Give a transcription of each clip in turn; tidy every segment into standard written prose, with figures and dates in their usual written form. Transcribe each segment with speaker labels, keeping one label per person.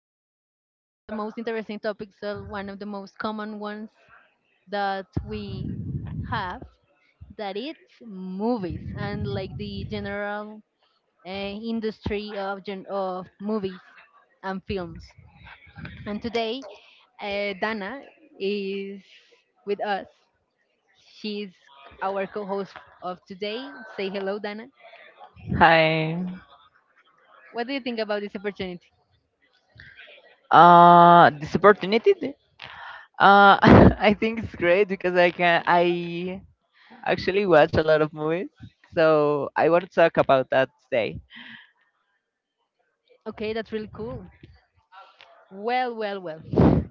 Speaker 1: going to talk about one of the most interesting topics, or one of the most common ones that we have, that it's movies and like the general industry of, of movies and films. And today, Dana is with us. She's our co host of today. Say hello, Dana.
Speaker 2: Hi.
Speaker 1: What do you think about this opportunity?
Speaker 2: This opportunity, uh, I think it's great because I actually watch a lot of movies, so I want to talk about that today.
Speaker 1: Okay, that's really cool. Well, well, well.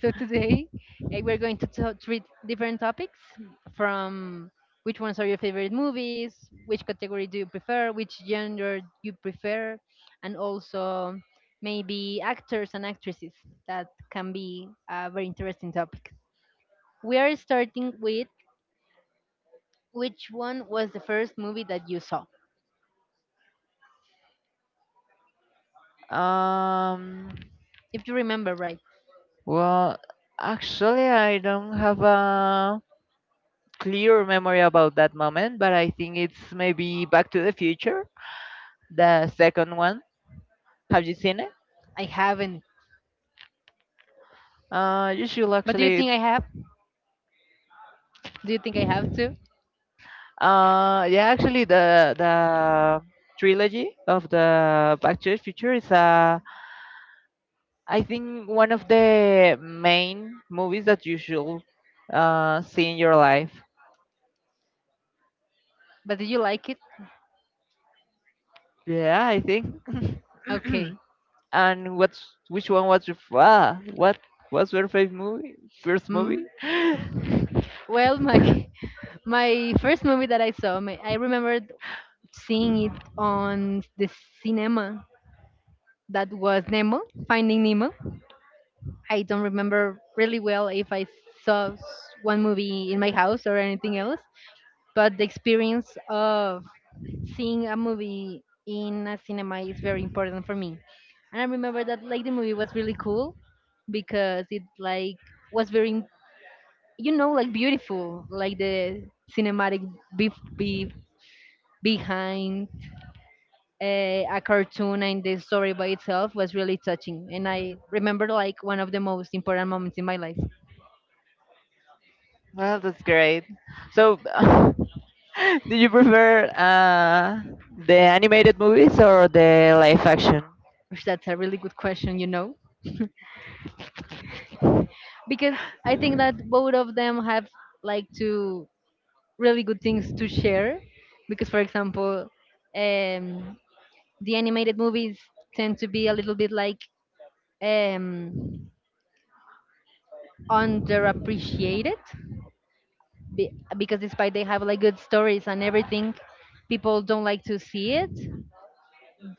Speaker 1: So today we're going to treat different topics from which ones are your favorite movies, which category do you prefer, which genre you prefer, and also maybe actors and actresses. That can be a very interesting topic. We are starting with which one was the first movie that you saw?
Speaker 2: Um,
Speaker 1: If you remember right,
Speaker 2: well, actually, I don't have a clear memory about that moment, but I think it's maybe Back to the Future, the second one. Have you seen it?
Speaker 1: I haven't.
Speaker 2: You should
Speaker 1: But do you
Speaker 2: actually.
Speaker 1: think I have? Do you think I have to?
Speaker 2: Yeah, actually, the trilogy of the Back to the Future is, I think, one of the main movies that you should see in your life.
Speaker 1: But did you like it?
Speaker 2: Yeah, I think.
Speaker 1: Okay.
Speaker 2: and what's which one was your what was your favorite movie? First
Speaker 1: Mm.
Speaker 2: movie?
Speaker 1: Well, my my first movie that I saw, I remembered seeing it on the cinema. That was Nemo, Finding Nemo. I don't remember really well if I saw one movie in my house or anything else, but the experience of seeing a movie in a cinema is very important for me. And I remember that like the movie was really cool because it like was very like beautiful like the cinematic be- be- behind a cartoon, and the story by itself was really touching. And I remember like one of the most important moments in my life.
Speaker 2: Well, that's great. So, do you prefer the animated movies or the live action?
Speaker 1: Which that's a really good question, because I think that both of them have like two really good things to share. Because for example, um, the animated movies tend to be a little bit like um, underappreciated be- because despite they have like good stories and everything, people don't like to see it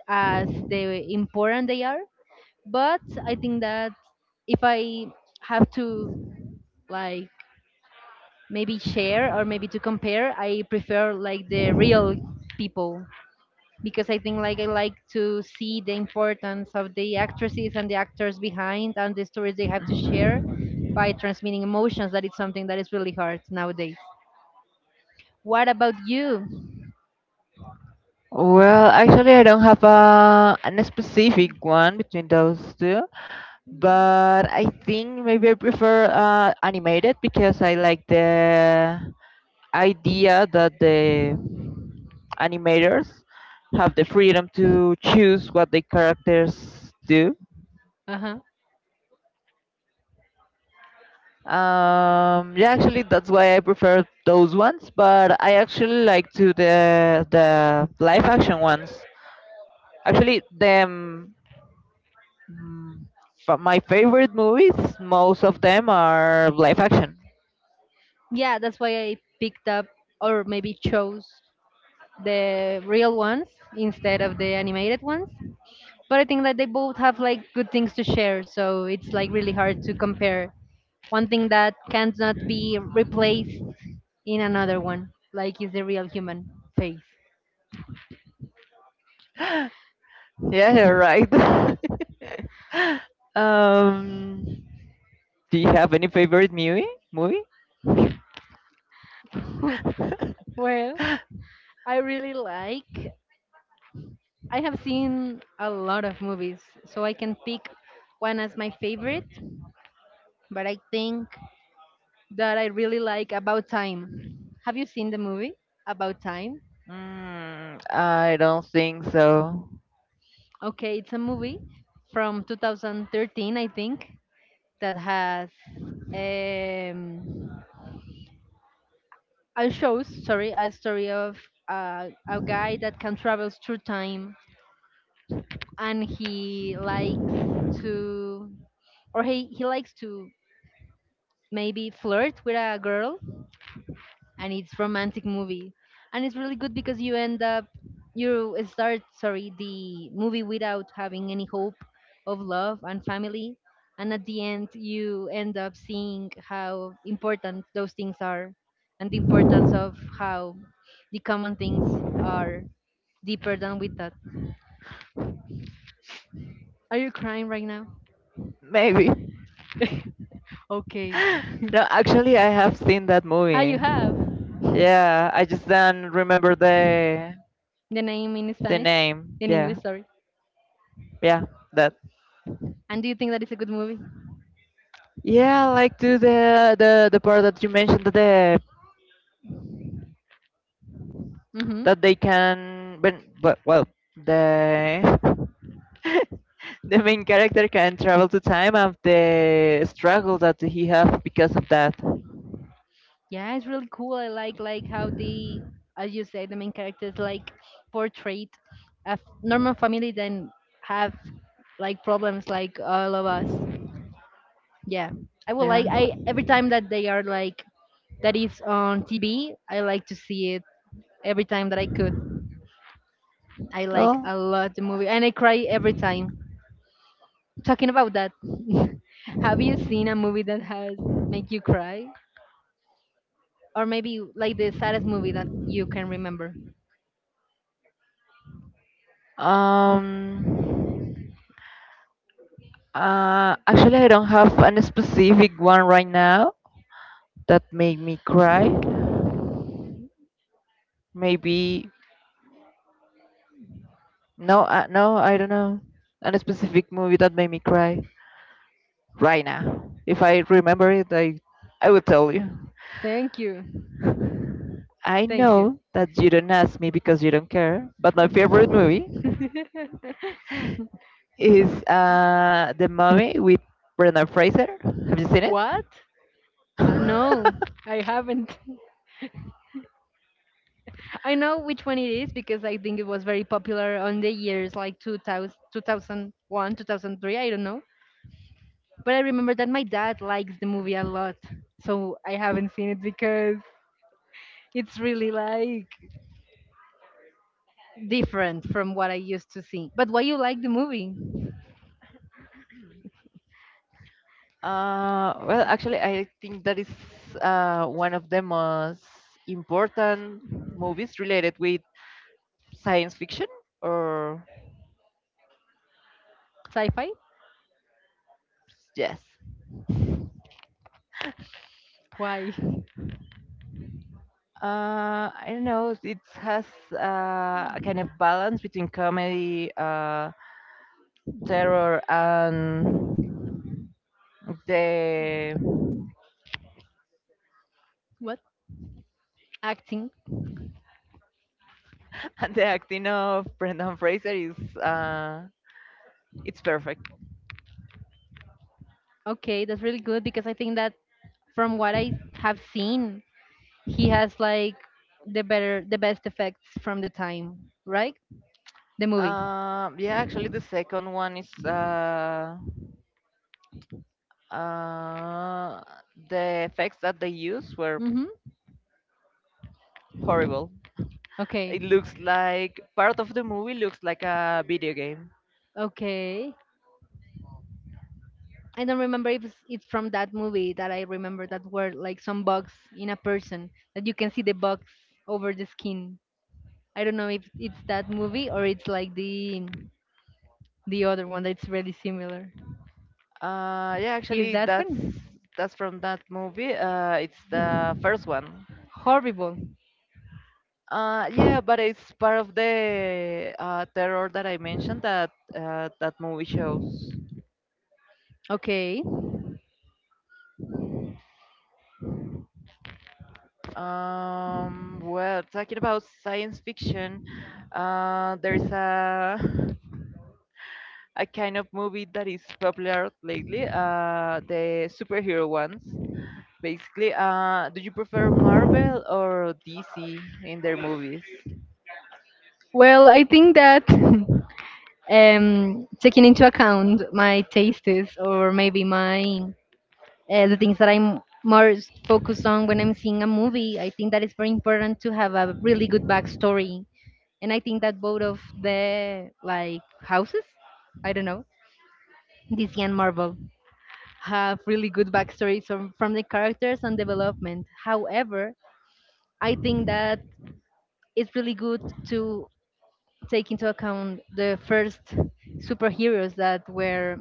Speaker 1: as the important they are. But I think that if I have to like maybe share or maybe to compare, I prefer like the real people because I think like I like to see the importance of the actresses and the actors behind and the stories they have to share by transmitting emotions, that it's something that is really hard nowadays. What about you?
Speaker 2: Well, actually, I don't have an specific one between those two, but I think maybe I prefer animated because I like the idea that the animators have the freedom to choose what the characters do.
Speaker 1: Uh-huh.
Speaker 2: Yeah, actually, that's why I prefer those ones, but I actually like to the live action ones. Actually, Mm, my favorite movies, most of them are live action.
Speaker 1: Yeah, that's why I picked up or maybe chose the real ones instead of the animated ones. But I think that they both have like good things to share, so it's like really hard to compare one thing that cannot be replaced in another one, like is the real human face.
Speaker 2: Yeah, you're right. um, do you have any favorite movie?
Speaker 1: Well, I really like. I have seen a lot of movies, so I can pick one as my favorite. But I think that I really like About Time. Have you seen the movie About Time?
Speaker 2: Mm, I don't think so.
Speaker 1: Okay, it's a movie from 2013, I think, that has um, a shows sorry a story of a guy that can travel through time, and he likes to, or he likes to maybe flirt with a girl, and it's romantic movie and it's really good because you end up you start sorry the movie without having any hope of love and family, and at the end you end up seeing how important those things are and the importance of how the common things are deeper than we thought. Are you crying right now?
Speaker 2: Maybe.
Speaker 1: Okay.
Speaker 2: No, actually, I have seen that
Speaker 1: Ah, you
Speaker 2: movie.
Speaker 1: have.
Speaker 2: Yeah, I just don't remember the
Speaker 1: The name in
Speaker 2: the
Speaker 1: Spanish,
Speaker 2: name.
Speaker 1: in
Speaker 2: Yeah,
Speaker 1: English, sorry.
Speaker 2: yeah, that.
Speaker 1: And do you think that is a good movie?
Speaker 2: Yeah, like to the part that you mentioned that
Speaker 1: Mm-hmm.
Speaker 2: they can but well the the main character can travel to time of the struggle that he have because of that,
Speaker 1: Yeah, it's really cool. I like how they, as you say, the main characters like portrayed a normal family then have like problems like all of us. Yeah, I would
Speaker 2: yeah.
Speaker 1: like I every time that they are like that is on TV, I like to see it every time that I could. I like
Speaker 2: Well,
Speaker 1: a lot the movie and I cry every time. Talking about that, have you seen a movie that has make you cry? Or maybe like the saddest movie that you can remember.
Speaker 2: um actually, I don't have an specific one right now that made me cry, maybe. No, I don't know an specific movie that made me cry right now. If I remember it, I will tell you.
Speaker 1: Thank you.
Speaker 2: I
Speaker 1: Thank you.
Speaker 2: know that you don't ask me because you don't care, but my favorite movie is The Mummy with Brendan Fraser. Have you seen it?
Speaker 1: What? No, I haven't. I know which one it is because I think it was very popular on the years like 2000, 2000 2003, I don't know. But I remember that my dad likes the movie a lot. So I haven't seen it because it's really like different from what I used to see. But why you like the movie?
Speaker 2: Well, actually, I think that is one of the most important movies related with science fiction, or
Speaker 1: Sci-fi?
Speaker 2: yes.
Speaker 1: Why?
Speaker 2: I don't know. It has a kind of balance between comedy, terror, and the
Speaker 1: What? Acting.
Speaker 2: and the acting of Brendan Fraser is it's perfect.
Speaker 1: Okay, that's really good because I think that from what I have seen, he has like the better, the best effects from the time, right? The movie.
Speaker 2: Yeah, actually the second one is uh the effects that they use were
Speaker 1: Mm-hmm.
Speaker 2: horrible. It
Speaker 1: Okay.
Speaker 2: looks like part of the movie looks like a video game.
Speaker 1: Okay. I don't remember if it's from that movie that I remember that were like some bugs in a person that you can see the bugs over the skin. I don't know if it's that movie or it's like the other one that's really similar.
Speaker 2: Yeah,
Speaker 1: Is
Speaker 2: actually
Speaker 1: that
Speaker 2: that's
Speaker 1: one?
Speaker 2: that's from that movie. It's the first one.
Speaker 1: Horrible.
Speaker 2: Yeah, but it's part of the terror that I mentioned that that movie shows.
Speaker 1: Okay.
Speaker 2: Well, talking about science fiction, there's a a kind of movie that is popular lately, the superhero ones. Basically, do you prefer Marvel or DC in their movies?
Speaker 1: Well, I think that taking into account my tastes or maybe my the things that I'm more focused on when I'm seeing a movie, I think that it's very important to have a really good backstory. And I think that both of the like houses, I don't know, DC and Marvel, have really good backstories from the characters and development. However, I think that it's really good to take into account the first superheroes that were,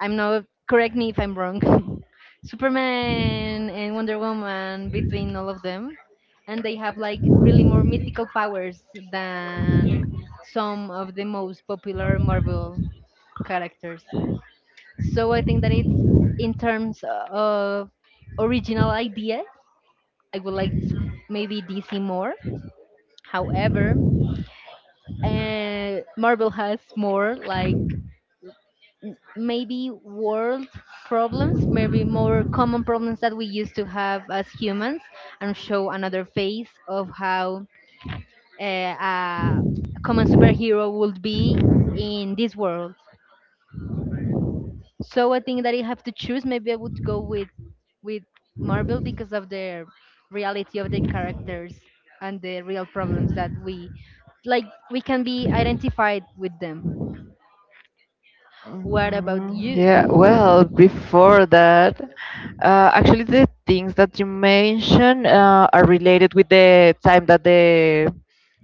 Speaker 1: I'm not correct me if I'm wrong, Superman and Wonder Woman between all of them, and they have like really more mythical powers than some of the most popular Marvel characters. So I think that it's, in terms of original ideas, I would like to maybe DC more. However, Marvel has more like maybe world problems, maybe more common problems that we used to have as humans, and show another face of how uh, a common superhero would be in this world. So I think that I have to choose. Maybe I would go with Marvel because of the reality of the characters and the real problems that we like we can be identified with them. What about
Speaker 2: Mm, yeah,
Speaker 1: you?
Speaker 2: well, before that, actually, the things that you mentioned are related with the time that the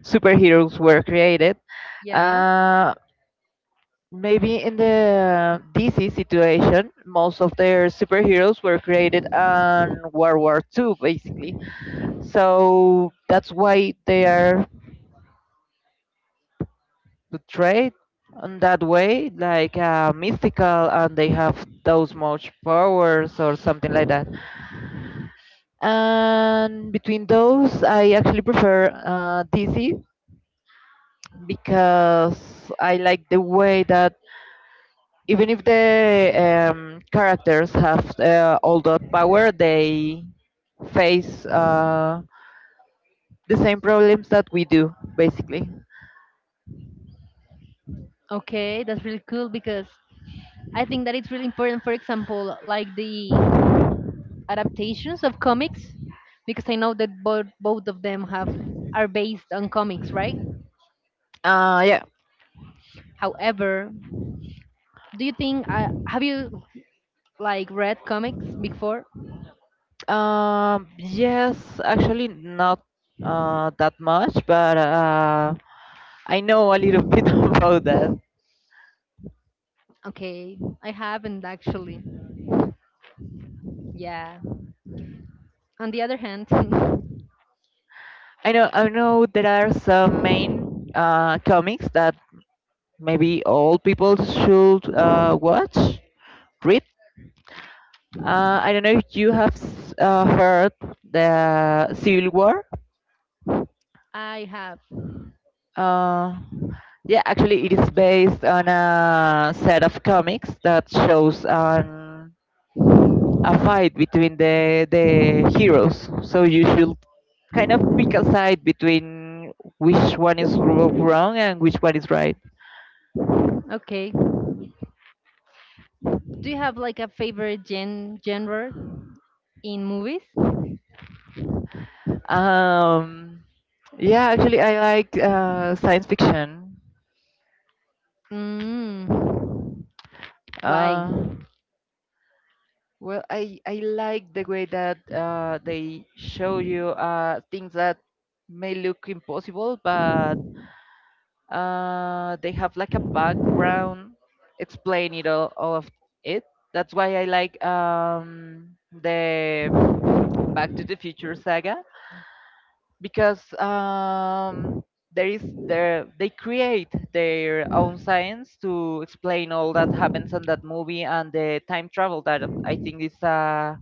Speaker 2: superheroes were created.
Speaker 1: Yeah.
Speaker 2: Uh, Maybe in the DC situation, most of their superheroes were created on World War Two, basically. So that's why they are To trade on that way, like mystical, and they have those much powers or something like that. And between those, I actually prefer DC because I like the way that even if the characters have all that power, they face the same problems that we do, basically.
Speaker 1: Okay, that's really cool because I think that it's really important, for example, like the adaptations of comics, because I know that both of them have are based on comics, right?
Speaker 2: Yeah.
Speaker 1: However, do you think have you like read comics before?
Speaker 2: Yes, actually not that much, but I know a little bit about that.
Speaker 1: Okay, I haven't actually. Yeah. On the other hand,
Speaker 2: I know there are some main comics that maybe all people should watch, read. I don't know if you have heard the Civil War.
Speaker 1: I have.
Speaker 2: Uh, yeah, actually, it is based on a set of comics that shows on a fight between the heroes. So you should kind of pick a side between which one is wrong and which one is right.
Speaker 1: Okay. Do you have like a favorite genre in movies?
Speaker 2: Um, yeah, actually, I like science fiction.
Speaker 1: Mm. Why?
Speaker 2: Uh, well, I like the way that they show you things that may look impossible, but they have like a background explaining all of it. That's why I like the Back to the Future saga, because there they create their own science to explain all that happens in that movie, and the time travel that I think is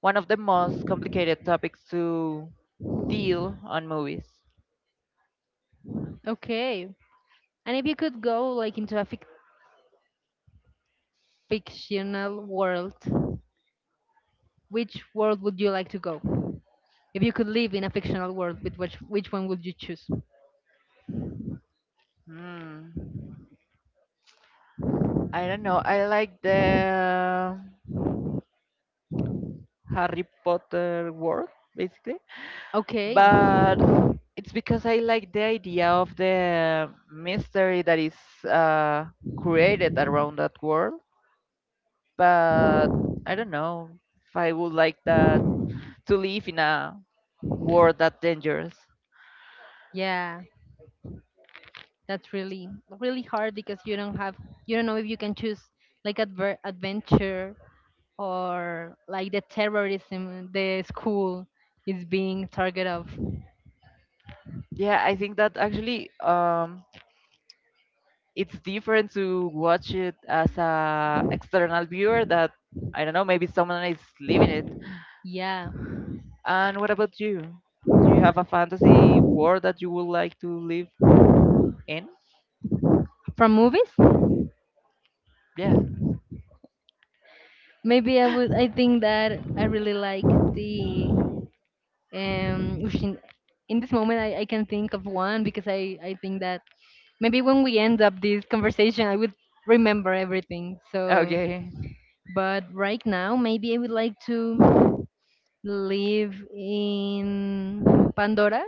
Speaker 2: one of the most complicated topics to deal on movies.
Speaker 1: Okay. And if you could go like into a fictional world, which world would you like to go? If you could live in a fictional world, with which one would you choose?
Speaker 2: Hmm. I don't know, I like the Harry Potter world, basically.
Speaker 1: Okay.
Speaker 2: But it's because I like the idea of the mystery that is uh, created around that world. But I don't know if I would like that to live in a world that dangerous.
Speaker 1: Yeah. That's really really hard because you don't know if you can choose like adventure or like the terrorism, the school is being target of,
Speaker 2: Yeah, I think that actually it's different to watch it as a external viewer that I don't know, maybe someone is living it.
Speaker 1: yeah,
Speaker 2: And what about you? Do you have a fantasy world that you would like to live in?
Speaker 1: from movies.
Speaker 2: Yeah.
Speaker 1: Maybe I think that I really like the in this moment I can think of one because I think that maybe when we end up this conversation I would remember everything, so
Speaker 2: Okay.
Speaker 1: but right now maybe I would like to live in Pandora.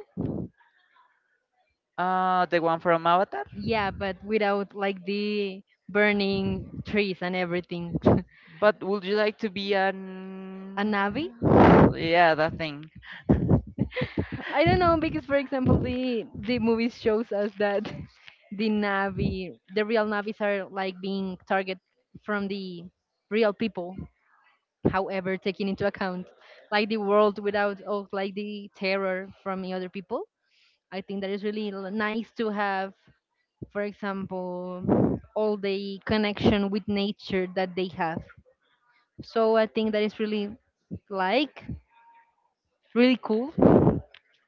Speaker 2: The one from Avatar.
Speaker 1: Yeah, but without like the burning trees and everything.
Speaker 2: But would you like to be
Speaker 1: A Navi?
Speaker 2: an? Yeah, that thing.
Speaker 1: I don't know because for example the movies shows us that the Navi, the real Navis are like being target from the real people. However, taking into account like the world without all like the terror from the other people, I think that is really nice to have, for example, all the connection with nature that they have. So I think that is really like really cool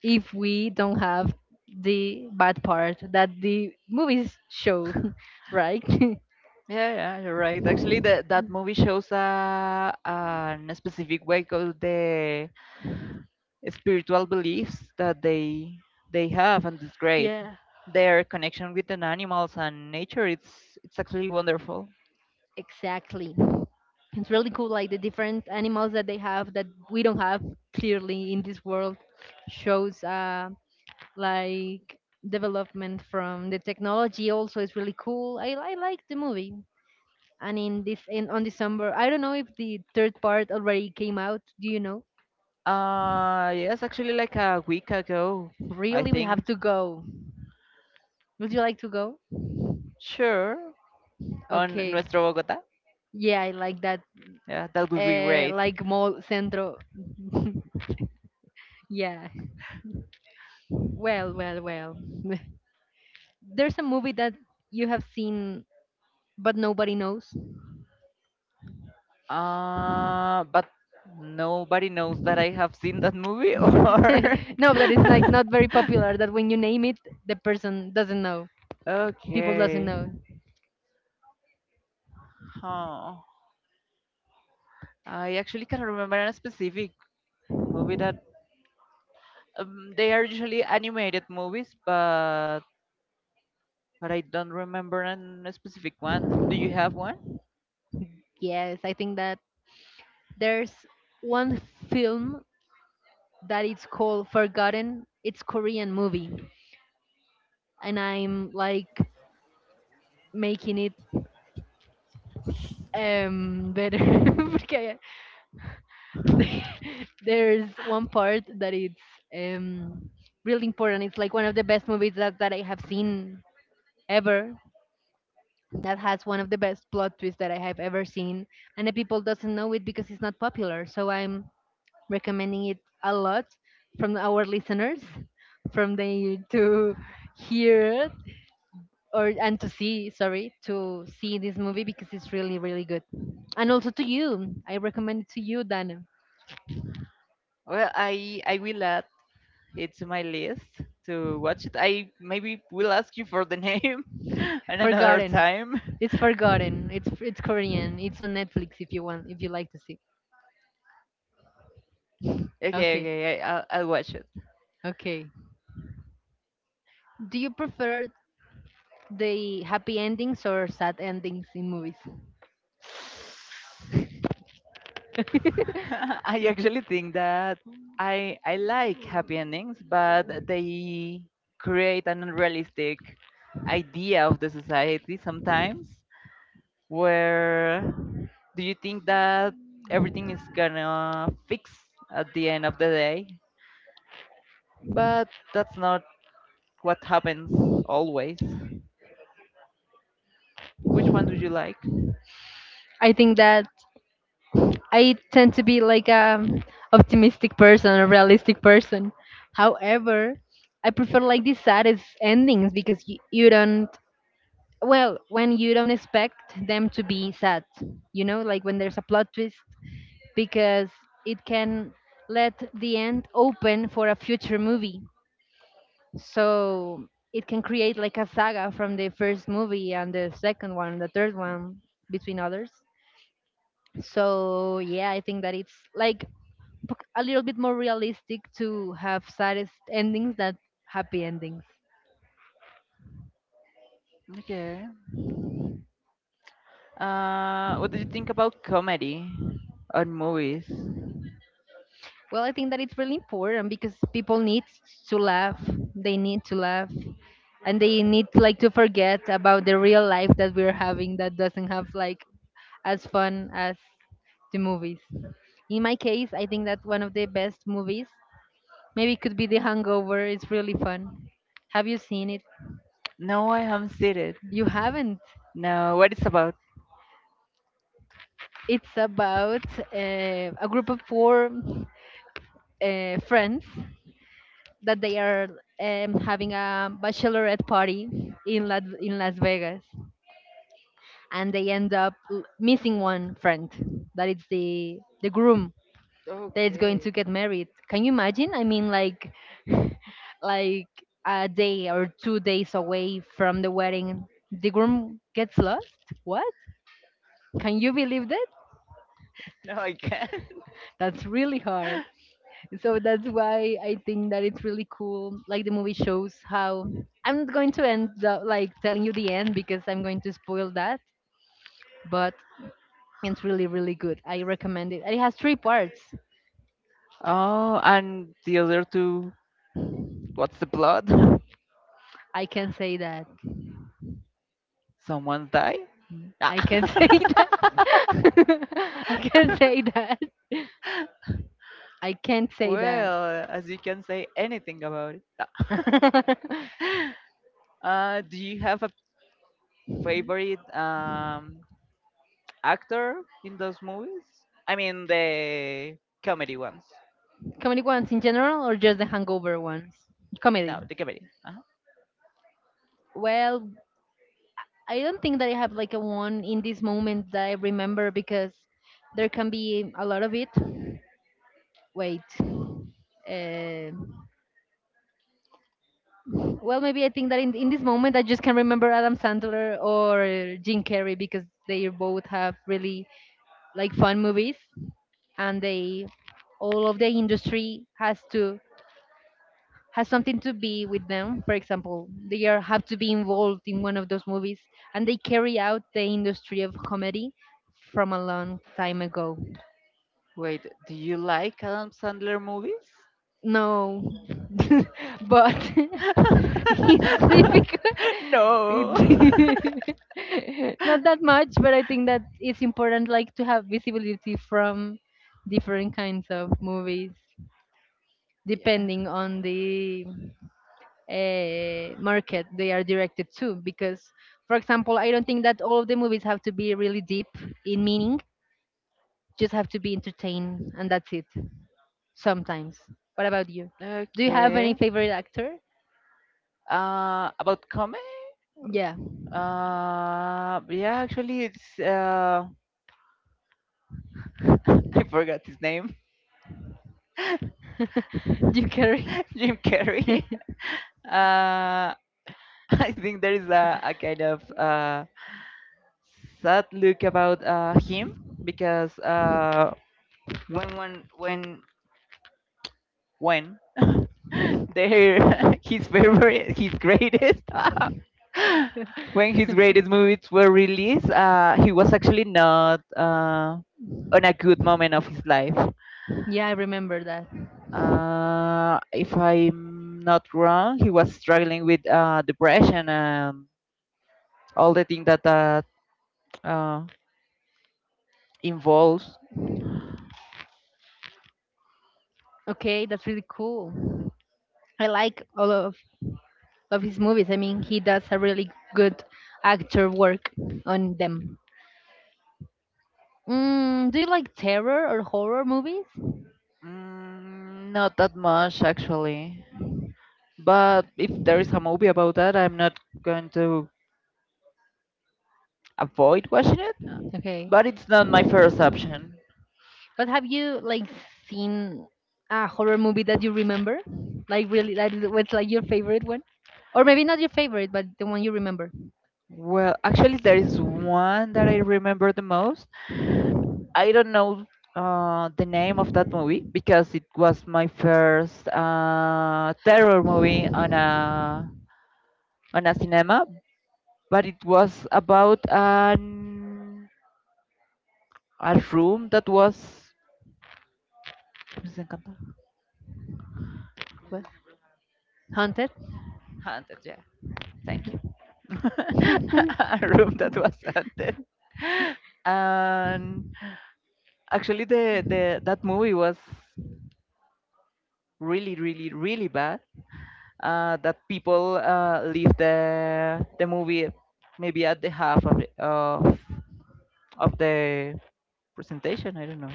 Speaker 1: if we don't have the bad part that the movies show, right?
Speaker 2: Yeah, yeah, you're right. Actually, that movie shows a specific way of the spiritual beliefs that they have, and it's great.
Speaker 1: Yeah,
Speaker 2: Their connection with the animals and nature, it's actually wonderful.
Speaker 1: exactly. It's really cool, like the different animals that they have that we don't have clearly in this world shows. Like development from the technology also is really cool. I like the movie. And in on December, I don't know if the third part already came out. Do you know?
Speaker 2: Yes, actually, like a week ago, I
Speaker 1: Really, we have
Speaker 2: think.
Speaker 1: to go. Would you like to go?
Speaker 2: Sure, on
Speaker 1: Okay.
Speaker 2: Nuestro Bogotá.
Speaker 1: Yeah, I like that.
Speaker 2: Yeah, that would be great.
Speaker 1: Like mall centro. Yeah. Well, well, well. There's a movie that you have seen, but nobody knows.
Speaker 2: But nobody knows that I have seen that movie, or.
Speaker 1: No, that is like not very popular. That when you name it, the person doesn't know. People doesn't
Speaker 2: Okay.
Speaker 1: know.
Speaker 2: Huh. I actually can't remember a specific movie that they are usually animated movies, but I don't remember a specific one. Do you have one?
Speaker 1: Yes, I think that there's one film that it's called Forgotten. It's Korean movie, and I'm like making it better because there's one part that it's um really important. It's like one of the best movies that I have seen ever. That has one of the best plot twists that I have ever seen, and the people doesn't know it because it's not popular. So I'm recommending it a lot from our listeners, from they to hear it or and to see, sorry, to see this movie because it's really good. And also to you, I recommend it to you, Dana.
Speaker 2: Well, I will add it's my list to watch it. I maybe will ask you for the name and another
Speaker 1: Forgotten.
Speaker 2: time.
Speaker 1: It's forgotten. It's Korean. It's on Netflix if you want, if you like to see.
Speaker 2: Okay,
Speaker 1: Okay,
Speaker 2: okay, I'll watch it.
Speaker 1: okay. Do you prefer the happy endings or sad endings in movies?
Speaker 2: I actually think that I like happy endings, but they create an unrealistic idea of the society sometimes. Where do you think that everything is gonna fix at the end of the day? But that's not what happens always. Which one do you like?
Speaker 1: I think that I tend to be like a optimistic person, a realistic person. However, I prefer like the saddest endings because you don't well when you don't expect them to be sad, you know, like when there's a plot twist because it can let the end open for a future movie. So it can create like a saga from the first movie and the second one, the third one, between others. So yeah, I think that it's like a little bit more realistic to have saddest endings than happy endings.
Speaker 2: Okay. What do you think about comedy on movies?
Speaker 1: Well, I think that it's really important because people need to laugh. They need to laugh, and they need like to forget about the real life that we're having that doesn't have like as fun as the movies. In my case, I think that one of the best movies maybe could be The Hangover. It's really fun. Have you seen it?
Speaker 2: No, I haven't seen it.
Speaker 1: You haven't.
Speaker 2: No, what it's about?
Speaker 1: It's about a group of four friends that they are having a bachelorette party in Las Vegas, and they end up missing one friend that is the groom that is going to
Speaker 2: Okay.
Speaker 1: get married. Can you imagine? I mean, like a day or 2 days away from the wedding, the groom gets lost. What? Can you believe that?
Speaker 2: No, I can't.
Speaker 1: That's really hard. So that's why I think that it's really cool. Like the movie shows how I'm not going to end the, like telling you the end because I'm going to spoil that, but it's really good. I recommend it. It has three parts.
Speaker 2: Oh, and the other two, what's the plot?
Speaker 1: I can say that.
Speaker 2: Someone die? Ah.
Speaker 1: I can say that. I can say that. I can't say that.
Speaker 2: Well, as you can say anything about it. Do you have a favorite actor in those movies? I mean, the comedy ones.
Speaker 1: Comedy ones in general or just the hangover ones? Comedy.
Speaker 2: No, the comedy. uh
Speaker 1: Well, I don't think that I have like a one in this moment that I remember because there can be a lot of it. Wait. Uh, well, maybe I think that in this moment I just can remember Adam Sandler or Jim Carrey because they both have really like fun movies and they all of the industry has something to be with them. For example, they have to be involved in one of those movies and they carry out the industry of comedy from a long time ago.
Speaker 2: Wait, do you like Adam Sandler movies?
Speaker 1: No, but it's difficult.
Speaker 2: No.
Speaker 1: It- Not that much, but I think that it's important, like, to have visibility from different kinds of movies,
Speaker 2: Yeah.
Speaker 1: depending on the market they are directed to. Because, for example, I don't think that all of the movies have to be really deep in meaning; just have to be entertained, and that's it. Sometimes. What about you? Do you have any
Speaker 2: Okay.
Speaker 1: favorite actor?
Speaker 2: About comedy?
Speaker 1: Yeah.
Speaker 2: Yeah, actually, it's I forgot his name,
Speaker 1: You carry.
Speaker 2: Jim Carrey. Uh, I think there is a kind of sad look about him, because when when when when their his favorite his greatest when his greatest movies were released, he was actually not on a good moment of his life.
Speaker 1: Yeah, I remember that.
Speaker 2: If I'm not wrong, he was struggling with depression and all the things that uh, involves.
Speaker 1: Okay, that's really cool. I like all of his movies. I mean, he does a really good actor work on them. Mm, do you like terror or horror movies?
Speaker 2: Mm, not that much actually. But if there is a movie about that, I'm not going to avoid watching it.
Speaker 1: Okay.
Speaker 2: But it's not my first option.
Speaker 1: But have you like seen a horror movie that you remember? Like really, like what's like your favorite one, or maybe not your favorite, but the one you remember.
Speaker 2: Well, actually, there is one that I remember the most. I don't know the name of that movie because it was my first terror movie on a cinema. But it was about an a room that was. ¿Cómo se encanta?
Speaker 1: What? Haunted.
Speaker 2: Haunted, yeah. Thank you. A room that was haunted. And actually, the that movie was really, really, really bad. That people leave the movie maybe at the half of it, of the presentation. I don't know.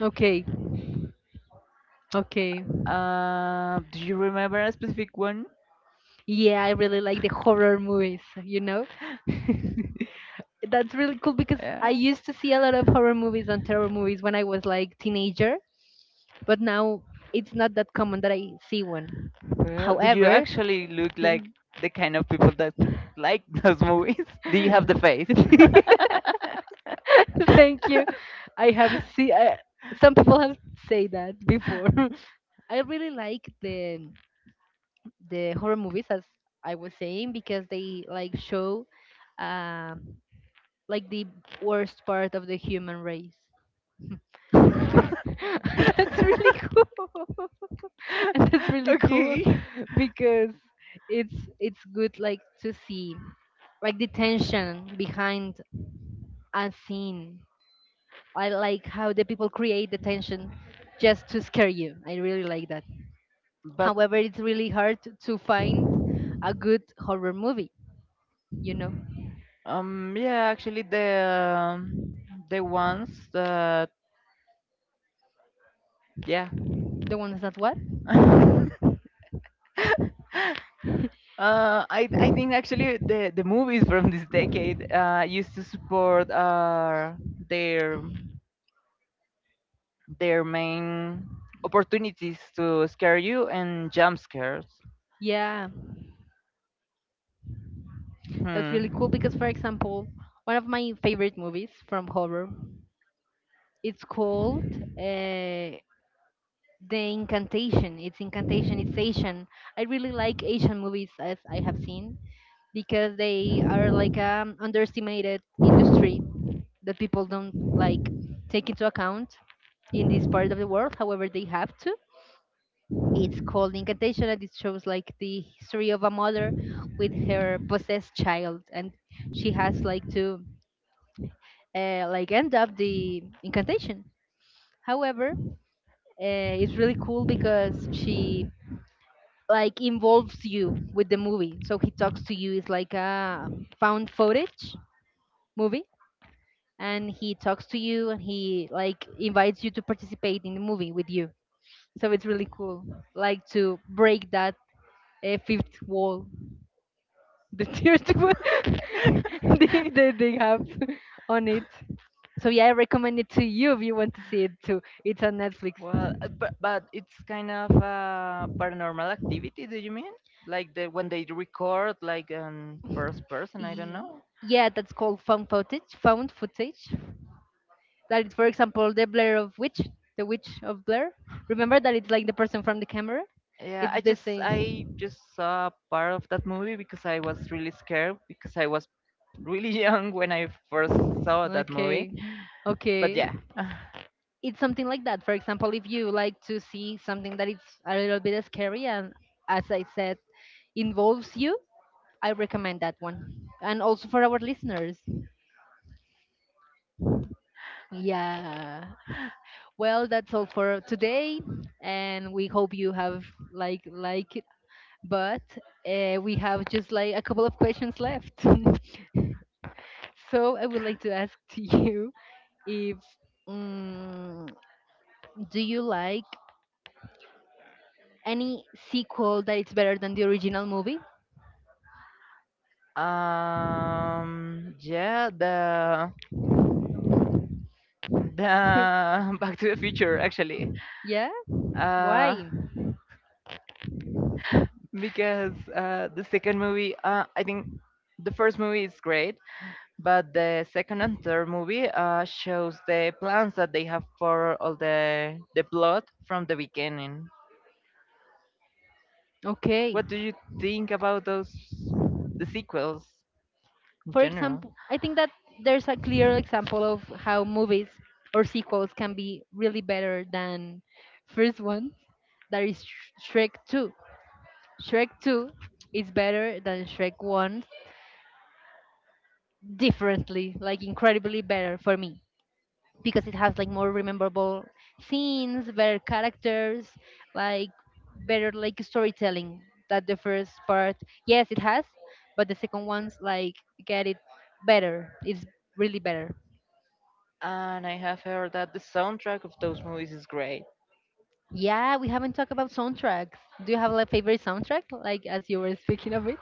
Speaker 1: Okay, okay.
Speaker 2: Do you remember a specific one?
Speaker 1: Yeah, I really like the horror movies. You know, that's really cool because I
Speaker 2: Yeah.
Speaker 1: used to see a lot of horror movies and terror movies when I was like teenager, but now it's not that common that I see one.
Speaker 2: Well, do you
Speaker 1: However,
Speaker 2: actually look like the kind of people that like those movies? Do you have the face?
Speaker 1: thank you. I have see. Some people have said that before. I really like the horror movies, as I was saying, because they like show, um, like the worst part of the human race. And that's really cool. And that's really cool
Speaker 2: Okay.
Speaker 1: because it's good like to see like the tension behind a scene. I like how the people create the tension just to scare you. I really like that.
Speaker 2: But
Speaker 1: However, it's really hard to find a good horror movie, you know,
Speaker 2: Yeah, actually, the ones that yeah.
Speaker 1: the ones that what?
Speaker 2: I think actually the movies from this decade used to support their their main opportunities to scare you and jump scares.
Speaker 1: Yeah, that's really cool
Speaker 2: Hmm.
Speaker 1: because, for example, one of my favorite movies from horror, it's called The Incantation. It's Incantation, it's Asian. I really like Asian movies as I have seen, because they are like an underestimated industry that people don't like take into account in this part of the world. However, they have to. It's called Incantation, and it shows like the history of a mother with her possessed child, and she has like to like end up the incantation. However, it's really cool because she like involves you with the movie. So he talks to you. It's like a found footage movie and he talks to you and he like invites you to participate in the movie with you. So it's really cool, like to break that fifth wall, the third one they have on it. So yeah, I recommend it to you if you want to see it too. It's on Netflix.
Speaker 2: Well, but it's kind of a paranormal activity. Do you mean like the when they record like first person? I don't
Speaker 1: Y-
Speaker 2: know.
Speaker 1: Yeah, that's called found footage. Found footage. That is, for example, the Blair of Witch, the Witch of Blair. Remember that it's like the person from the camera.
Speaker 2: Yeah, I
Speaker 1: It's the
Speaker 2: just I
Speaker 1: same.
Speaker 2: just saw part of that movie because I was really scared because I was really young when I first saw that movie.
Speaker 1: Okay.
Speaker 2: But
Speaker 1: Okay.
Speaker 2: yeah,
Speaker 1: It's something like that. For example, if you like to see something that is a little bit scary and as I said, involves you, I recommend that one. And also for our listeners. Yeah. Well, that's all for today and we hope you have like it. But we have just like a couple of questions left. So I would like to ask to you if mm, do you like any sequel that it's better than the original movie?
Speaker 2: yeah, the Back to the Future actually.
Speaker 1: Yeah?
Speaker 2: Uh,
Speaker 1: Why?
Speaker 2: because the second movie, I think the first movie is great, but the second and third movie shows the plans that they have for all the plot from the beginning.
Speaker 1: Okay.
Speaker 2: What do you think about those the sequels in
Speaker 1: For
Speaker 2: general?
Speaker 1: example, I think that there's a clear example of how movies or sequels can be really better than first ones. That is Shrek 2. Shrek 2 is better than Shrek 1 differently, like incredibly better for me, because it has like more rememberable scenes, better characters, like better like storytelling that the first part. Yes, it has, but the second one's like get it better. It's really better.
Speaker 2: And I have heard that the soundtrack of those movies is great.
Speaker 1: Yeah, we haven't talked about soundtracks. Do you have a favorite soundtrack? Like as you were speaking of it.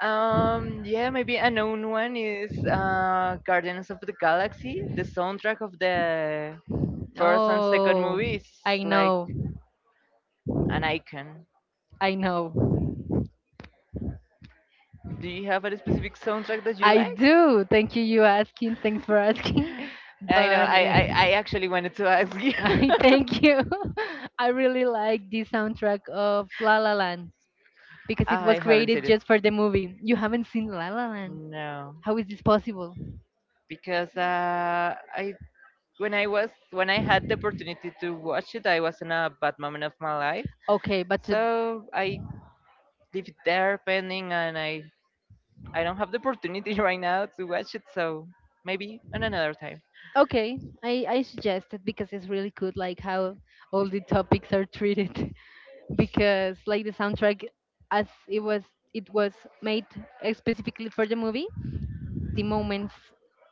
Speaker 2: Yeah, maybe a known one is Guardians of the Galaxy. The soundtrack of the first and second
Speaker 1: Oh,
Speaker 2: movie is
Speaker 1: I
Speaker 2: like
Speaker 1: know,
Speaker 2: an icon.
Speaker 1: I know.
Speaker 2: Do you have a specific soundtrack that you
Speaker 1: I
Speaker 2: like?
Speaker 1: do. Thank you. You asking. Thanks for asking.
Speaker 2: I know,
Speaker 1: But
Speaker 2: I actually wanted to ask you.
Speaker 1: I thank you. I really like the soundtrack of La La Land because it
Speaker 2: I
Speaker 1: was
Speaker 2: haven't seen
Speaker 1: created
Speaker 2: it.
Speaker 1: just for the movie. You haven't seen La La Land.
Speaker 2: No,
Speaker 1: How is this possible?
Speaker 2: because I when I was when I had the opportunity to watch it, I was in a bad moment of my life.
Speaker 1: Okay, but to,
Speaker 2: So I leave it there pending, and I don't have the opportunity right now to watch it. So maybe on another time.
Speaker 1: okay, I suggest it because it's really good, like how all the topics are treated. Because like the soundtrack, as it was made specifically for the movie, the moments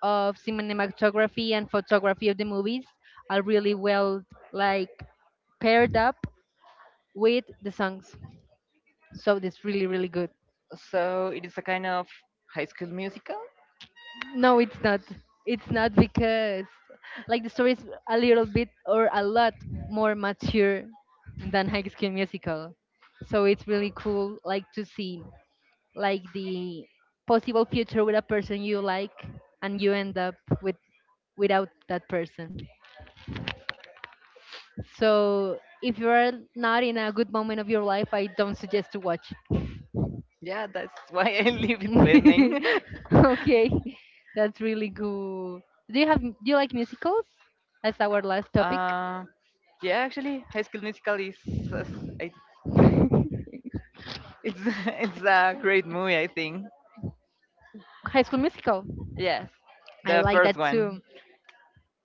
Speaker 1: of cinematography and photography of the movies are really well like paired up with the songs. So it's really good.
Speaker 2: So it is a kind of High School Musical.
Speaker 1: No, it's not. It's not because like the story is a little bit or a lot more mature than High School Musical. So it's really cool like to see like the possible future with a person you like and you end up with without that person. So if you are not in a good moment of your life, I don't suggest to watch
Speaker 2: Yeah, that's why I leave it pending.
Speaker 1: okay, that's really good. Do you like musicals? That's our last topic.
Speaker 2: Uh, yeah, actually, High School Musical is- I- it's it's a great movie. I think.
Speaker 1: High School Musical.
Speaker 2: Yes, the
Speaker 1: I like
Speaker 2: first
Speaker 1: that
Speaker 2: one.
Speaker 1: too.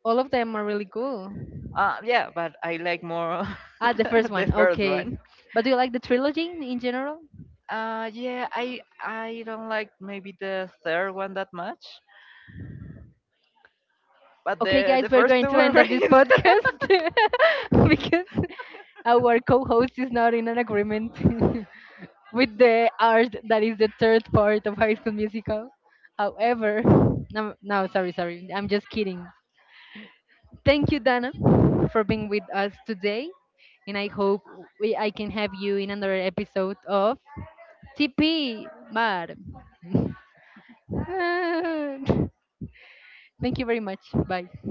Speaker 1: All of them are really cool.
Speaker 2: Yeah, but I like more
Speaker 1: Ah, the first
Speaker 2: the
Speaker 1: one.
Speaker 2: first one.
Speaker 1: Okay, but do you like the trilogy in general?
Speaker 2: Yeah, I don't like maybe the third one that much, but
Speaker 1: Okay,
Speaker 2: the
Speaker 1: guys, we're
Speaker 2: first
Speaker 1: going
Speaker 2: two
Speaker 1: to
Speaker 2: were
Speaker 1: end
Speaker 2: great.
Speaker 1: up this podcast because our co-host is not in an agreement with the art that is the third part of High School Musical. However, no, no, sorry, sorry, I'm just kidding. Thank you, Dana, for being with us today. And I hope I can have you in another episode of TP Mar. Thank you very much. Bye.